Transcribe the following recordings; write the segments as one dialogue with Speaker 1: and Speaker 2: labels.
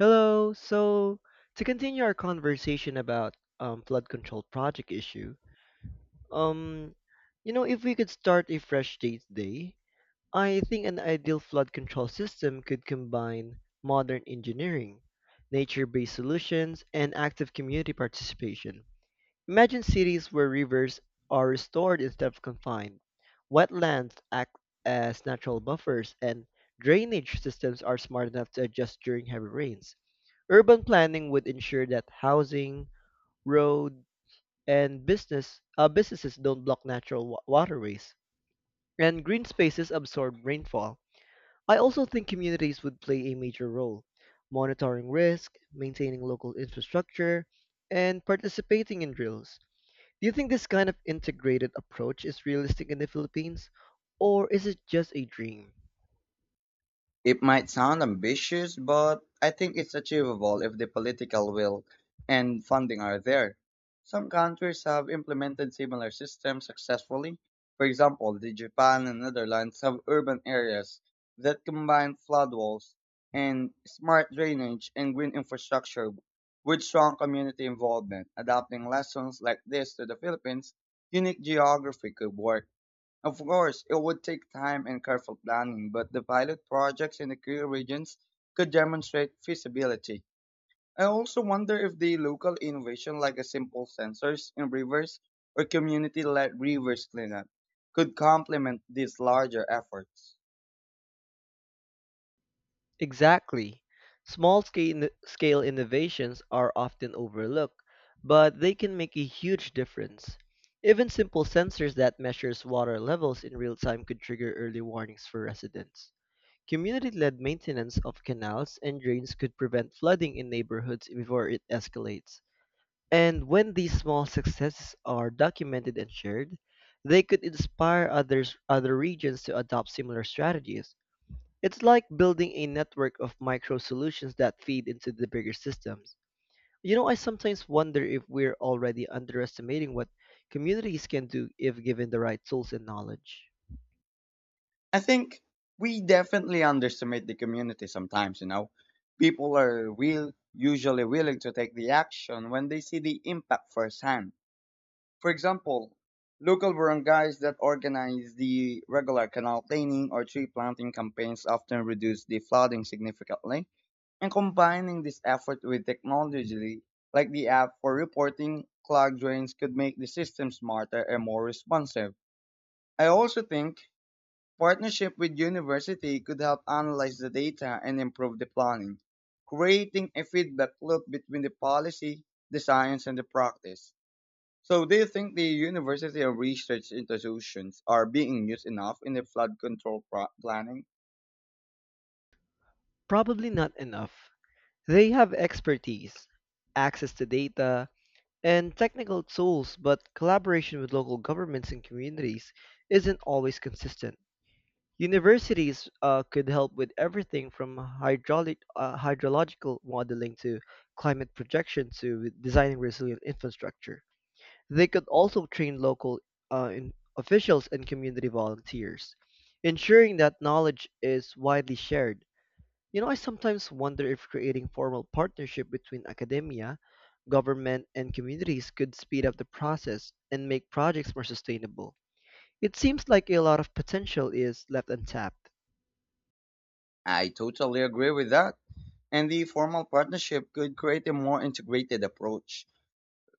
Speaker 1: Hello. So to continue our conversation about flood control project issue, um, if we could start a fresh date day, I think an ideal flood control system could combine modern engineering, nature-based solutions, and active community participation. Imagine cities where rivers are restored instead of confined, wetlands act as natural buffers, and drainage systems are smart enough to adjust during heavy rains. Urban planning would ensure that housing, road, and businesses don't block natural waterways, and green spaces absorb rainfall. I also think communities would play a major role, monitoring risk, maintaining local infrastructure, and participating in drills. Do you think this kind of integrated approach is realistic in the Philippines, or is it just a dream?
Speaker 2: It might sound ambitious, but I think it's achievable if the political will and funding are there. Some countries have implemented similar systems successfully. For example, the Japan and Netherlands have urban areas that combine flood walls and smart drainage and green infrastructure with strong community involvement. Adopting lessons like this to the Philippines' unique geography could work. Of course, it would take time and careful planning, but the pilot projects in the key regions could demonstrate feasibility. I also wonder if the local innovation, like a simple sensors in rivers or community led rivers cleanup, could complement these larger efforts.
Speaker 1: Exactly. Small scale innovations are often overlooked, but they can make a huge difference. Even simple sensors that measures water levels in real time could trigger early warnings for residents. Community-led maintenance of canals and drains could prevent flooding in neighborhoods before it escalates. And when these small successes are documented and shared, they could inspire other regions to adopt similar strategies. It's like building a network of micro solutions that feed into the bigger systems. You know, I sometimes wonder if we're already underestimating what communities can do if given the right tools and knowledge.
Speaker 2: I think we definitely underestimate the community sometimes. People are usually willing to take the action when they see the impact firsthand. For example, local barangays that organize the regular canal cleaning or tree planting campaigns often reduce the flooding significantly, and combining this effort with technology like the app for reporting clogged drains could make the system smarter and more responsive. I also think partnership with university could help analyze the data and improve the planning, creating a feedback loop between the policy, the science, and the practice. So, do you think the university or research institutions are being used enough in the flood control planning?
Speaker 1: Probably not enough. They have expertise, access to data, and technical tools, but collaboration with local governments and communities isn't always consistent. Universities could help with everything from hydrological modeling to climate projection to designing resilient infrastructure. They could also train local in officials and community volunteers, ensuring that knowledge is widely shared. You know, I sometimes wonder if creating formal partnership between academia, government, and communities could speed up the process and make projects more sustainable. It seems like a lot of potential is left untapped.
Speaker 2: I totally agree with that. And the formal partnership could create a more integrated approach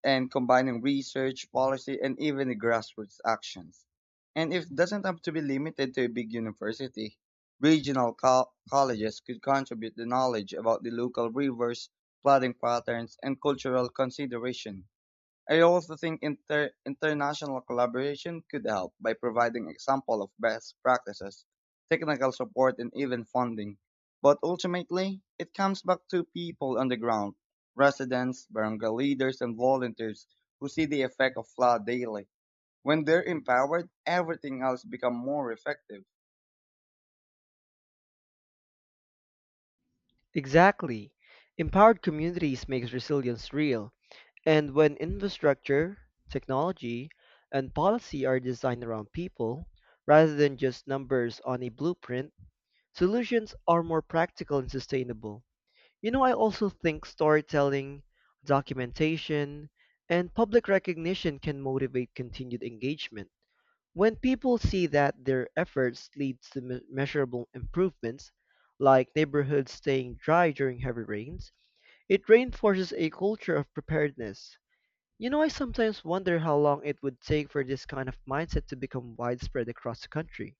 Speaker 2: and combining research, policy, and even the grassroots actions. And it doesn't have to be limited to a big university. Regional colleges could contribute the knowledge about the local rivers, flooding patterns, and cultural consideration. I also think international collaboration could help by providing example of best practices, technical support, and even funding. But ultimately, it comes back to people on the ground, residents, barangay leaders, and volunteers who see the effect of flood daily. When they're empowered, everything else becomes more effective.
Speaker 1: Exactly. Empowered communities makes resilience real. And when infrastructure, technology, and policy are designed around people, rather than just numbers on a blueprint, solutions are more practical and sustainable. You know, I also think storytelling, documentation, and public recognition can motivate continued engagement. When people see that their efforts lead to measurable improvements, like neighborhoods staying dry during heavy rains, it reinforces a culture of preparedness. You know, I sometimes wonder how long it would take for this kind of mindset to become widespread across the country.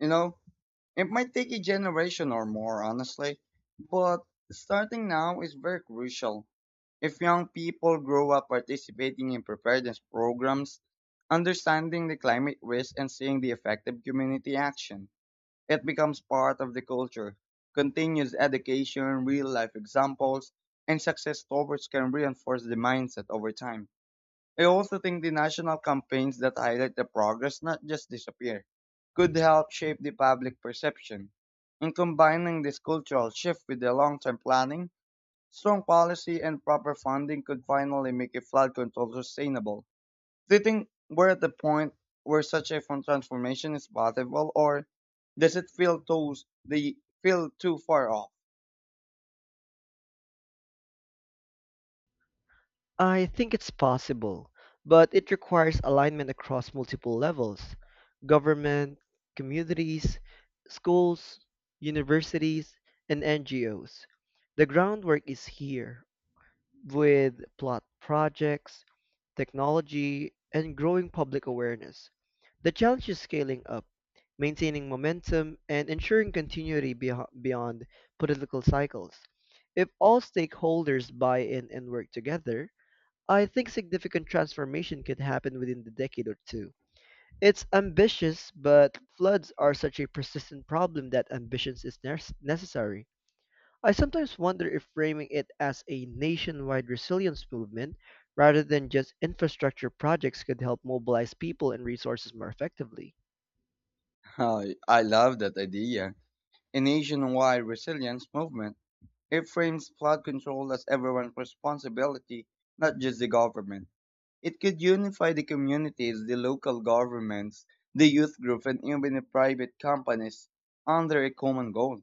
Speaker 2: You know, It might take a generation or more, honestly, but starting now is very crucial. If young people grow up participating in preparedness programs, understanding the climate risk and seeing the effective community action, it becomes part of the culture. Continuous education, real life examples, and success stories can reinforce the mindset over time. I also think the national campaigns that highlight the progress, not just disappear, could help shape the public perception. In combining this cultural shift with the long-term planning, strong policy and proper funding could finally make a flood control sustainable. Do you think we're at the point where such a transformation is possible, or does it the feel too far off?
Speaker 1: I think it's possible, but it requires alignment across multiple levels: government, communities, schools, universities, and NGOs. The groundwork is here, with plot projects, technology, and growing public awareness. The challenge is scaling up, maintaining momentum, and ensuring continuity beyond political cycles. If all stakeholders buy in and work together, I think significant transformation could happen within the decade or two. It's ambitious, but floods are such a persistent problem that ambition is necessary. I sometimes wonder if framing it as a nationwide resilience movement rather than just infrastructure projects could help mobilize people and resources more effectively.
Speaker 2: I love that idea. A nationwide resilience movement. It frames flood control as everyone's responsibility, not just the government. It could unify the communities, the local governments, the youth groups, and even the private companies under a common goal,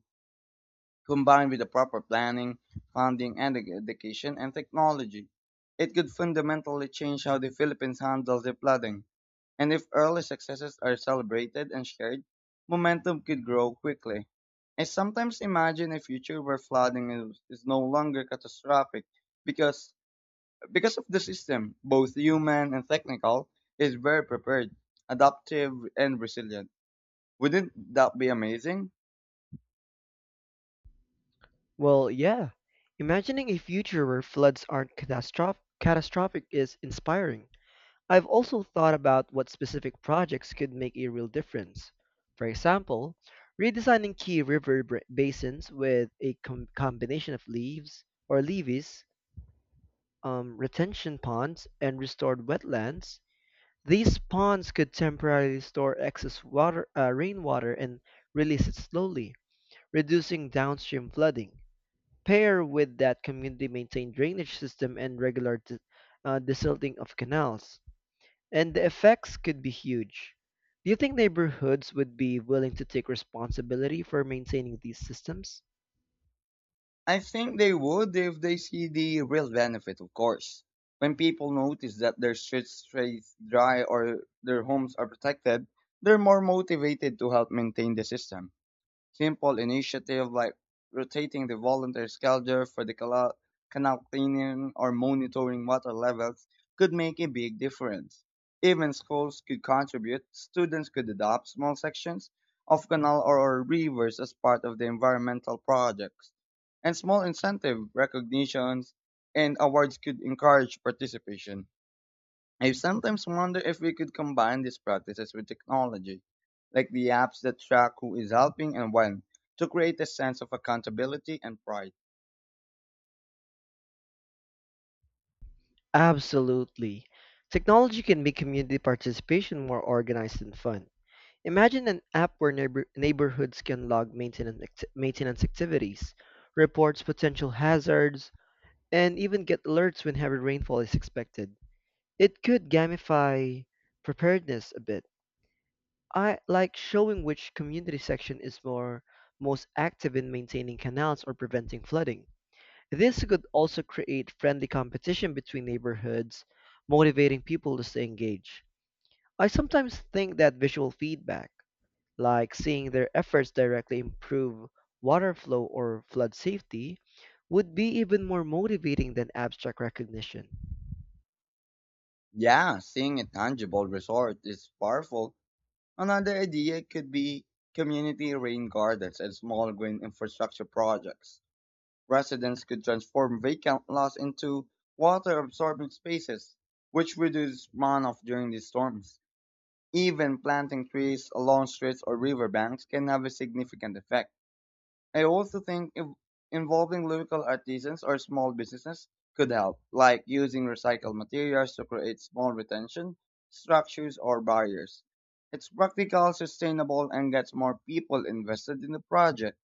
Speaker 2: combined with the proper planning, funding, and education and technology. It could fundamentally change how the Philippines handles the flooding. And if early successes are celebrated and shared, momentum could grow quickly. I sometimes imagine a future where flooding is no longer catastrophic because because of the system, both human and technical, is very prepared, adaptive and resilient. Wouldn't that be amazing?
Speaker 1: Well, yeah. Imagining a future where floods aren't catastrophic is inspiring. I've also thought about what specific projects could make a real difference. For example, redesigning key river basins with a combination of leaves or levees, retention ponds, and restored wetlands. These ponds could temporarily store excess rainwater and release it slowly, reducing downstream flooding. Pair with that community maintained drainage system and regular desilting of canals, and the effects could be huge. Do you think neighborhoods would be willing to take responsibility for maintaining these systems?
Speaker 2: I think they would if they see the real benefit, of course. When people notice that their streets stay dry or their homes are protected, they're more motivated to help maintain the system. Simple initiatives like rotating the volunteer schedule for the canal cleaning or monitoring water levels could make a big difference. Even schools could contribute, students could adopt small sections of canal or rivers as part of the environmental projects. And small incentive recognitions and awards could encourage participation. I sometimes wonder if we could combine these practices with technology, like the apps that track who is helping and when, to create a sense of accountability and pride.
Speaker 1: Absolutely. Technology can make community participation more organized and fun. Imagine an app where neighborhoods can log maintenance activities, reports potential hazards, and even get alerts when heavy rainfall is expected. It could gamify preparedness a bit. I like showing which community section is more most active in maintaining canals or preventing flooding. This could also create friendly competition between neighborhoods, motivating people to stay engaged. I sometimes think that visual feedback, like seeing their efforts directly improve water flow or flood safety, would be even more motivating than abstract recognition.
Speaker 2: Yeah, seeing a tangible result is powerful. Another idea could be community rain gardens and small green infrastructure projects. Residents could transform vacant lots into water absorbing spaces, which reduce runoff during these storms. Even planting trees along streets or riverbanks can have a significant effect. I also think if involving local artisans or small businesses could help, like using recycled materials to create small retention structures or barriers. It's practical, sustainable, and gets more people invested in the project.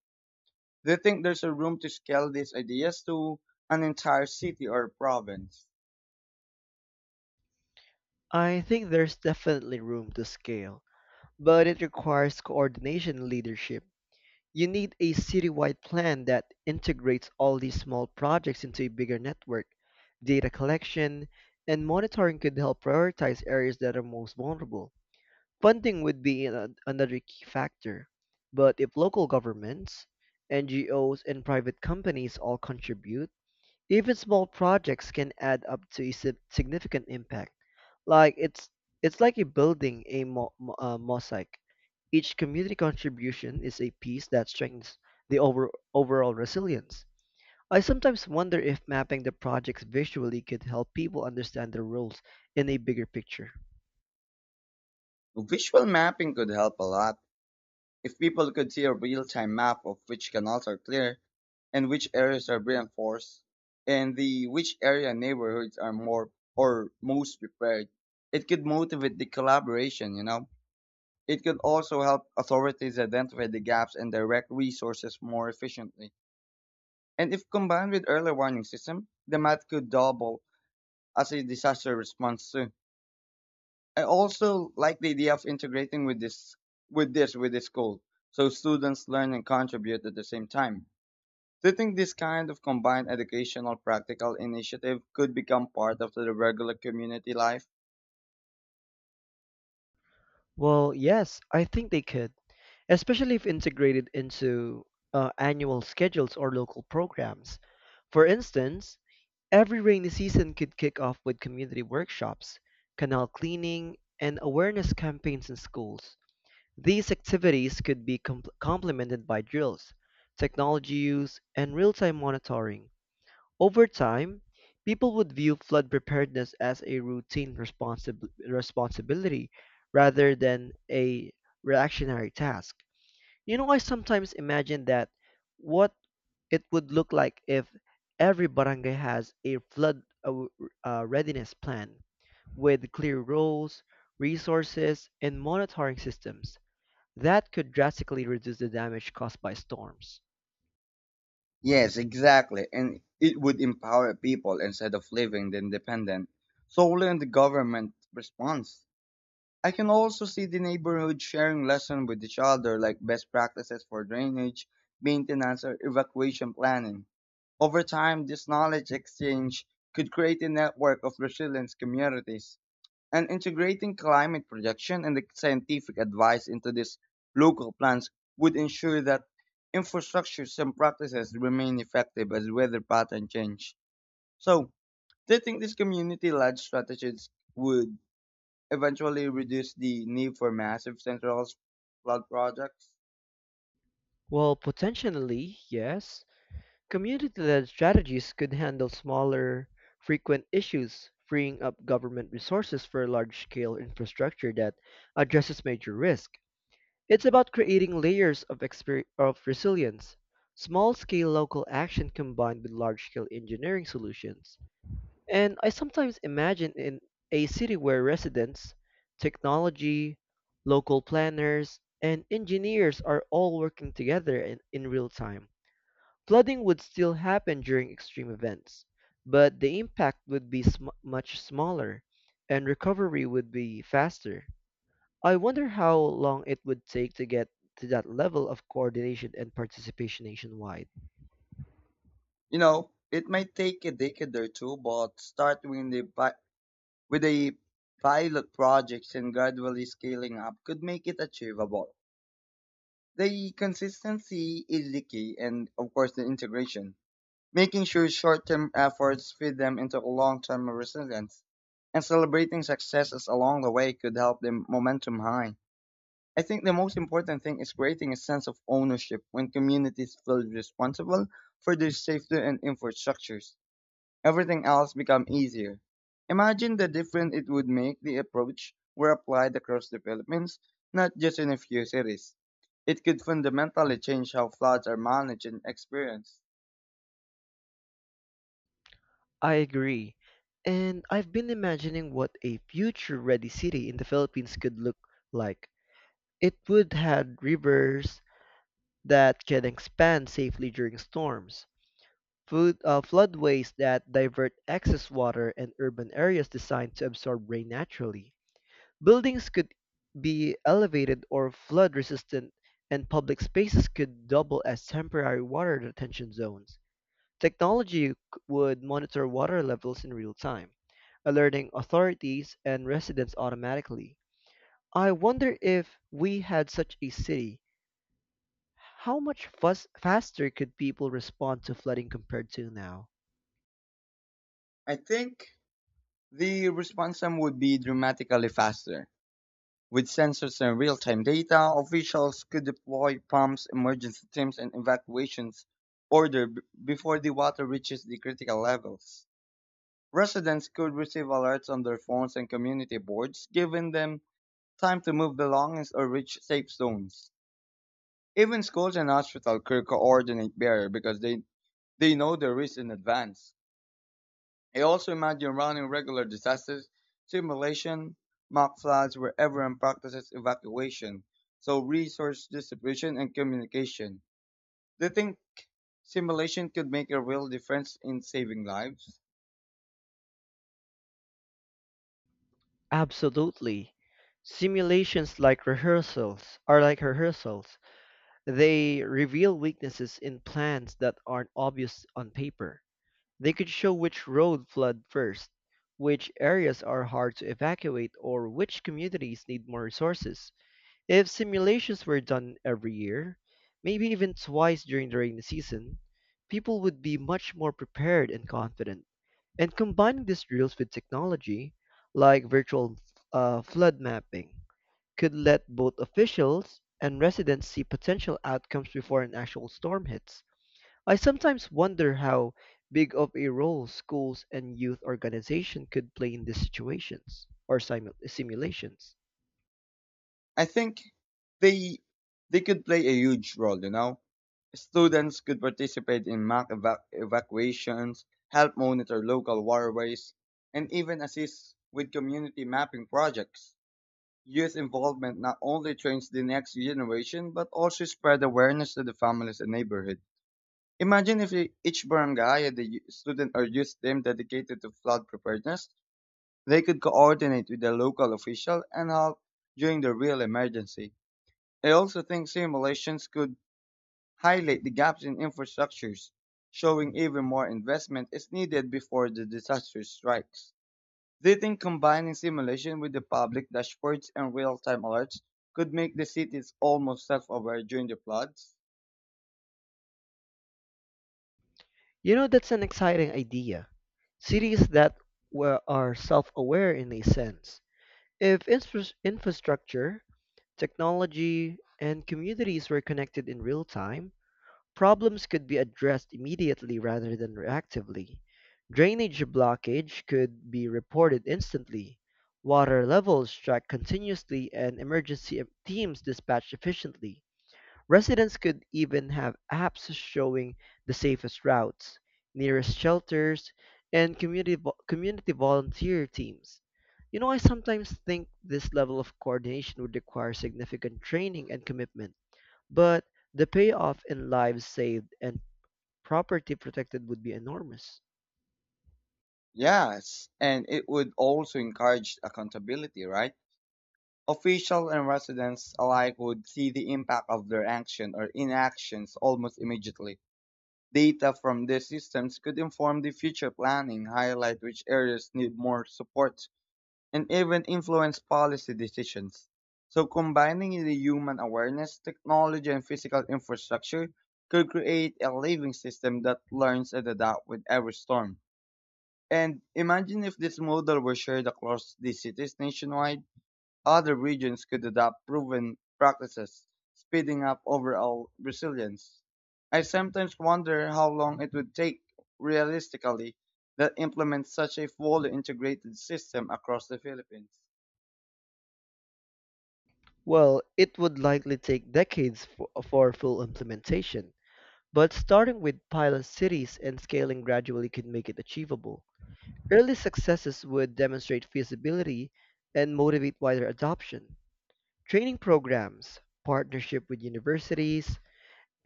Speaker 2: Do you think there's a room to scale these ideas to an entire city or province?
Speaker 1: I think there's definitely room to scale, but it requires coordination and leadership. You need a citywide plan that integrates all these small projects into a bigger network. Data collection and monitoring could help prioritize areas that are most vulnerable. Funding would be another key factor, but if local governments, NGOs, and private companies all contribute, even small projects can add up to a significant impact. Like it's it's like a building a mosaic. Each community contribution is a piece that strengthens the overall resilience. I sometimes wonder if mapping the projects visually could help people understand their roles in a bigger picture.
Speaker 2: Visual mapping could help a lot. If people could see a real time map of which canals are clear, and which areas are reinforced and the which area neighborhoods are more or most prepared. It could motivate the collaboration. It could also help authorities identify the gaps and direct resources more efficiently. And if combined with early warning system, the math could double as a disaster response too. I also like the idea of integrating with the school so students learn and contribute at the same time. Do you think this kind of combined educational practical initiative could become part of the regular community life?
Speaker 1: Well, yes, I think they could, especially if integrated into annual schedules or local programs. For instance, every rainy season could kick off with community workshops, canal cleaning, and awareness campaigns in schools. These activities could be complemented by drills, technology use, and real time monitoring. Over time, people would view flood preparedness as a routine responsibility rather than a reactionary task. You know, I sometimes imagine that what it would look like if every barangay has a flood readiness plan with clear roles, resources, and monitoring systems that could drastically reduce the damage caused by storms.
Speaker 2: Yes, exactly. And it would empower people instead of leaving the independent solely on the government response. I can also see the neighborhood sharing lessons with each other, like best practices for drainage, maintenance, or evacuation planning. Over time, this knowledge exchange could create a network of resilient communities. And integrating climate projection and the scientific advice into these local plans would ensure that infrastructures and practices remain effective as weather pattern change. So, do you think these community led strategies would eventually reduce the need for massive centralized flood projects?
Speaker 1: Well, potentially, yes. Community-led strategies could handle smaller, frequent issues, freeing up government resources for large-scale infrastructure that addresses major risk. It's about creating layers of resilience, small scale local action combined with large scale engineering solutions. And I sometimes imagine in a city where residents, technology, local planners, and engineers are all working together in real time. Flooding would still happen during extreme events, but the impact would be much smaller and recovery would be faster. I wonder how long it would take to get to that level of coordination and participation nationwide.
Speaker 2: It might take a decade or two, but starting with the with the pilot projects and gradually scaling up could make it achievable. The consistency is the key, and of course, the integration, making sure short term efforts feed them into long term resilience. And celebrating successes along the way could help the momentum high. I think the most important thing is creating a sense of ownership when communities feel responsible for their safety and infrastructures. Everything else become easier. Imagine the difference it would make the approach were applied across the Philippines, not just in a few cities. It could fundamentally change how floods are managed and experienced.
Speaker 1: I agree. And I've been imagining what a future ready city in the Philippines could look like. It would have rivers that can expand safely during storms, floodways that divert excess water, and urban areas designed to absorb rain naturally. Buildings could be elevated or flood resistant, and public spaces could double as temporary water retention zones. Technology would monitor water levels in real time, alerting authorities and residents automatically. I wonder if we had such a city, how much fuss faster could people respond to flooding compared to now?
Speaker 2: I think the response time would be dramatically faster. With sensors and real time data, officials could deploy pumps, emergency teams, and evacuations order before the water reaches the critical levels. Residents could receive alerts on their phones and community boards, giving them time to move belongings or reach safe zones. Even schools and hospitals could coordinate better because they know the risk in advance. I also imagine running regular disasters, simulation, mock floods where everyone practices evacuation, so resource distribution and communication. Do you think simulation could make a real difference in saving lives?
Speaker 1: Absolutely. Simulations like rehearsals are like rehearsals. They reveal weaknesses in plans that aren't obvious on paper. They could show which road flood first, which areas are hard to evacuate, or which communities need more resources. If simulations were done every year, maybe even twice during the rainy season, people would be much more prepared and confident. And combining these drills with technology, like virtual flood mapping, could let both officials and residents see potential outcomes before an actual storm hits. I sometimes wonder how big of a role schools and youth organization could play in these situations or simulations.
Speaker 2: I think they they could play a huge role. Students could participate in mock evacuations, help monitor local waterways, and even assist with community mapping projects. Youth involvement not only trains the next generation but also spread awareness to the families and neighborhood. Imagine if each barangay had a student or youth team dedicated to flood preparedness. They could coordinate with the local official and help during the real emergency. I also think simulations could highlight the gaps in infrastructures, showing even more investment is needed before the disaster strikes. Do you think combining simulation with the public dashboards and real-time alerts could make the cities almost self-aware during the floods?
Speaker 1: You know, that's an exciting idea. Cities that are self-aware in a sense. If infrastructure, technology, and communities were connected in real time, problems could be addressed immediately rather than reactively. Drainage blockage could be reported instantly, water levels tracked continuously, and emergency teams dispatched efficiently. Residents could even have apps showing the safest routes, nearest shelters, and community volunteer teams. You know, I sometimes think this level of coordination would require significant training and commitment, but the payoff in lives saved and property protected would be enormous.
Speaker 2: Yes, and it would also encourage accountability, right? Officials and residents alike would see the impact of their action or inactions almost immediately. Data from these systems could inform the future planning, highlight which areas need more support, and even influence policy decisions. So, combining the human awareness, technology, and physical infrastructure could create a living system that learns and adapts with every storm. And imagine if this model were shared across the cities nationwide, other regions could adopt proven practices, speeding up overall resilience. I sometimes wonder how long it would take realistically to implement such a fully integrated system across the Philippines.
Speaker 1: Well, it would likely take decades for full implementation, but starting with pilot cities and scaling gradually could make it achievable. Early successes would demonstrate feasibility and motivate wider adoption. Training programs, partnership with universities,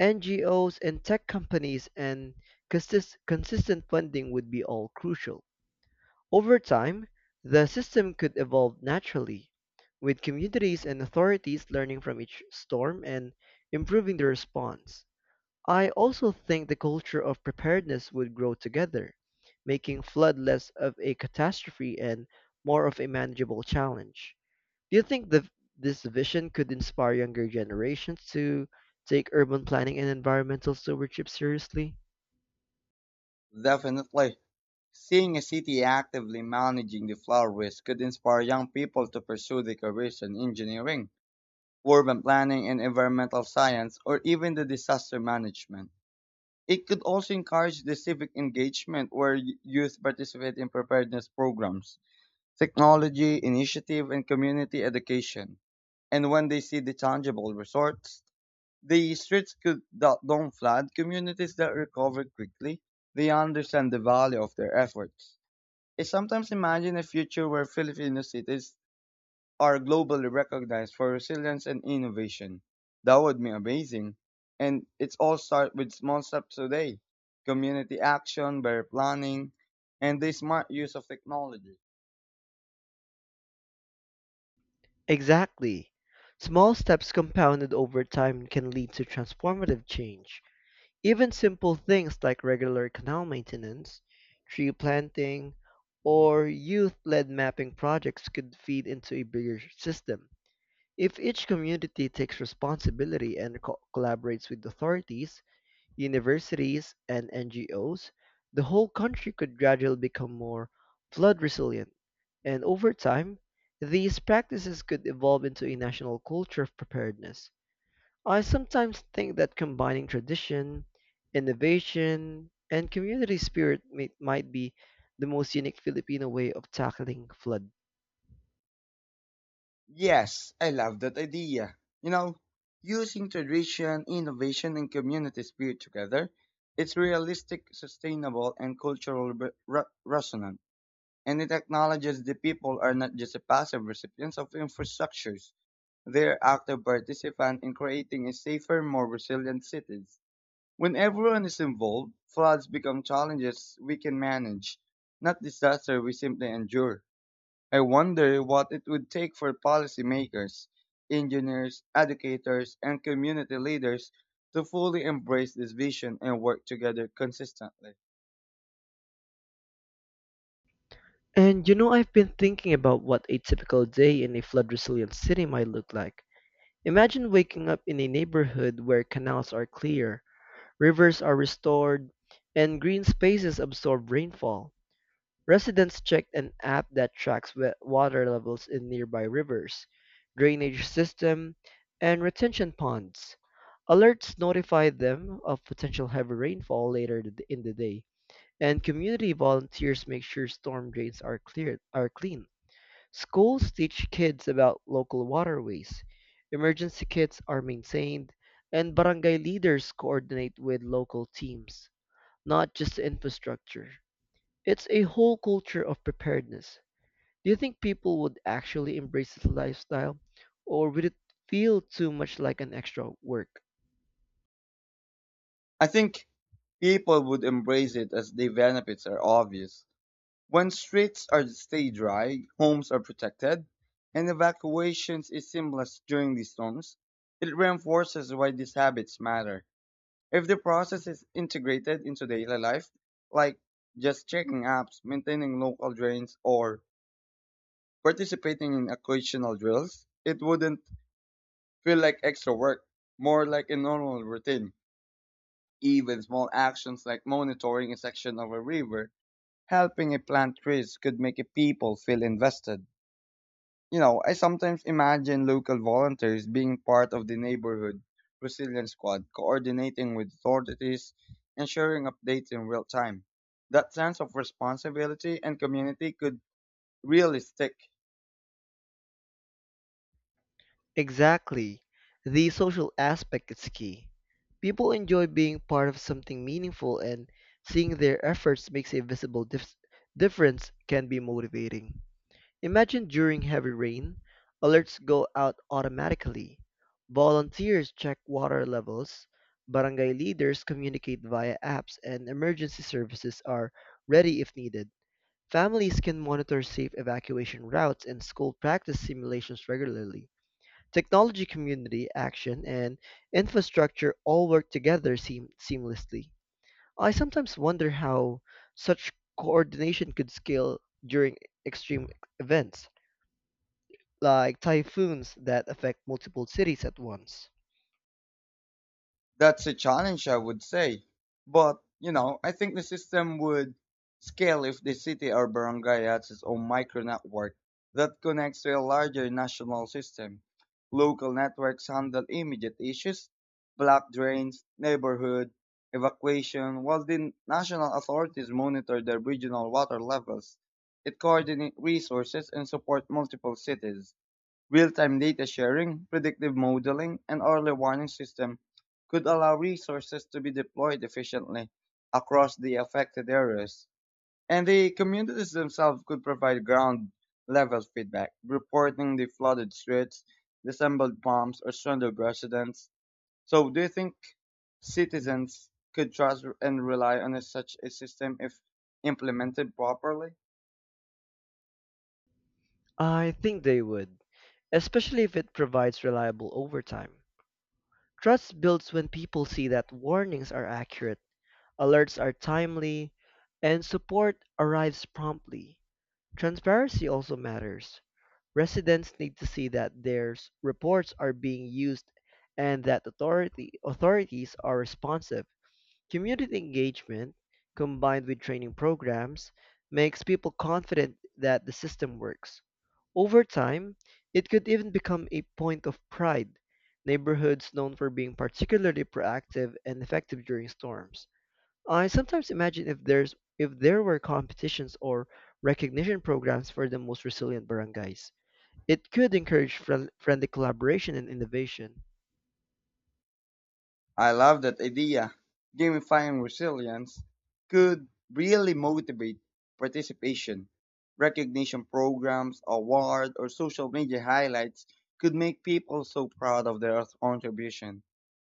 Speaker 1: NGOs, and tech companies, and consistent funding would be all crucial. Over time, the system could evolve naturally, with communities and authorities learning from each storm and improving their response. I also think the culture of preparedness would grow together, making flood less of a catastrophe and more of a manageable challenge. Do you think this vision could inspire younger generations to take urban planning and environmental stewardship seriously?
Speaker 2: Definitely. Seeing a city actively managing the flower waste could inspire young people to pursue the careers in engineering, urban planning, and environmental science, or even the disaster management. It could also encourage the civic engagement where youth participate in preparedness programs, technology, initiative, and community education. And when they see the tangible results, the streets could, that don't flood, communities that recover quickly, they understand the value of their efforts. I sometimes imagine a future where Filipino cities are globally recognized for resilience and innovation. That would be amazing. And it's all start with small steps today. Community action, better planning, and the smart use of technology.
Speaker 1: Exactly. Small steps compounded over time can lead to transformative change. Even simple things like regular canal maintenance, tree planting, or youth led mapping projects could feed into a bigger system. If each community takes responsibility and collaborates with authorities, universities, and NGOs, the whole country could gradually become more flood resilient. And over time, these practices could evolve into a national culture of preparedness. I sometimes think that combining tradition, innovation, and community spirit might be the most unique Filipino way of tackling flood.
Speaker 2: Yes, I love that idea. You know, using tradition, innovation, and community spirit together, it's realistic, sustainable, and cultural resonant. And it acknowledges the people are not just a passive recipients of infrastructures. They are active participants in creating a safer, more resilient cities. When everyone is involved, floods become challenges we can manage, not disaster we simply endure. I wonder what it would take for policymakers, engineers, educators, and community leaders to fully embrace this vision and work together consistently.
Speaker 1: And you know, I've been thinking about what a typical day in a flood resilient city might look like. Imagine waking up in a neighborhood where canals are clear, rivers are restored, and green spaces absorb rainfall. Residents check an app that tracks water levels in nearby rivers, drainage system, and retention ponds. Alerts notify them of potential heavy rainfall later in the day, and community volunteers make sure storm drains are clean. Schools teach kids about local waterways, emergency kits are maintained, and barangay leaders coordinate with local teams, not just infrastructure. It's a whole culture of preparedness. Do you think people would actually embrace this lifestyle, or would it feel too much like an extra work?
Speaker 2: I think people would embrace it as the benefits are obvious. When streets are stay dry, homes are protected, and evacuations is seamless during these storms, it reinforces why these habits matter. If the process is integrated into daily life, like just checking apps, maintaining local drains, or participating in occasional drills, it wouldn't feel like extra work, more like a normal routine. Even small actions like monitoring a section of a river, helping a plant trees could make a people feel invested. I sometimes imagine local volunteers being part of the neighborhood resilience squad, coordinating with authorities and sharing updates in real time. That sense of responsibility and community could really stick.
Speaker 1: Exactly. The social aspect is key. People enjoy being part of something meaningful, and seeing their efforts makes a visible difference can be motivating. Imagine during heavy rain, alerts go out automatically. Volunteers check water levels, barangay leaders communicate via apps, and emergency services are ready if needed. Families can monitor safe evacuation routes and school practice simulations regularly. Technology, community action, and infrastructure all work together seamlessly. I sometimes wonder how such coordination could scale during extreme events, like typhoons that affect multiple cities at once.
Speaker 2: That's a challenge, I would say. But I think the system would scale if the city or barangay has its own micro network that connects to a larger national system. Local networks handle immediate issues, block drains, neighborhood evacuation, while the national authorities monitor their regional water levels. It coordinates resources and support multiple cities. Real-time data sharing, predictive modeling, and early warning system could allow resources to be deployed efficiently across the affected areas. And the communities themselves could provide ground level feedback, reporting the flooded streets, disassembled farms, or stranded residents. So do you think citizens could trust and rely on such a system if implemented properly?
Speaker 1: I think they would, especially if it provides reliable overtime. Trust builds when people see that warnings are accurate, alerts are timely, and support arrives promptly. Transparency also matters. Residents need to see that their reports are being used and that authorities are responsive. Community engagement, combined with training programs, makes people confident that the system works. Over time, it could even become a point of pride, neighborhoods known for being particularly proactive and effective during storms. I sometimes imagine if there were competitions or recognition programs for the most resilient barangays. It could encourage friendly collaboration and innovation.
Speaker 2: I love that idea. Gamifying resilience could really motivate participation. Recognition programs, awards, or social media highlights could make people so proud of their contribution.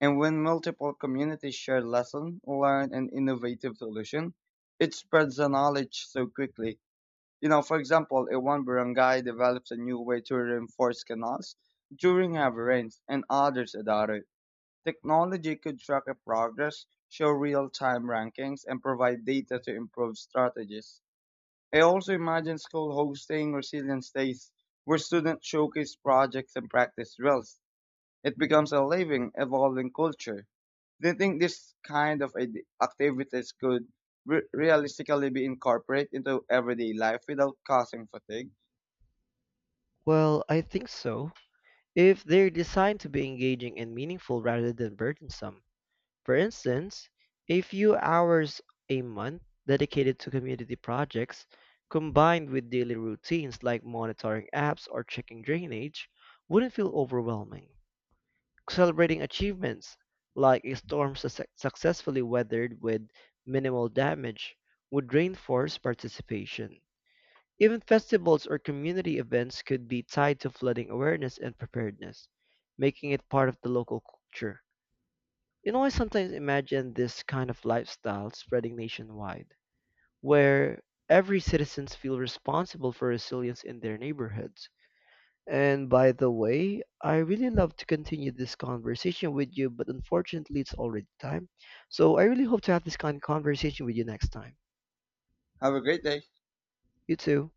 Speaker 2: And when multiple communities share lessons, learn, and innovative solution, it spreads the knowledge so quickly. For example, a one barangay develops a new way to reinforce canals during heavy rains, and others adopt it. Technology could track a progress, show real-time rankings, and provide data to improve strategies. I also imagine school hosting resilience days where students showcase projects and practice drills. It becomes a living, evolving culture. Do you think this kind of activities could realistically be incorporated into everyday life without causing fatigue?
Speaker 1: Well, I think so, if they're designed to be engaging and meaningful rather than burdensome. For instance, a few hours a month dedicated to community projects combined with daily routines like monitoring apps or checking drainage wouldn't feel overwhelming. Celebrating achievements, like a storm successfully weathered with minimal damage, would reinforce participation. Even festivals or community events could be tied to flooding awareness and preparedness, making it part of the local culture. You know, I sometimes imagine this kind of lifestyle spreading nationwide, where every citizens feel responsible for resilience in their neighborhoods. And by the way, I really love to continue this conversation with you, but unfortunately it's already time. So I really hope to have this kind of conversation with you next time.
Speaker 2: Have a great day.
Speaker 1: You too.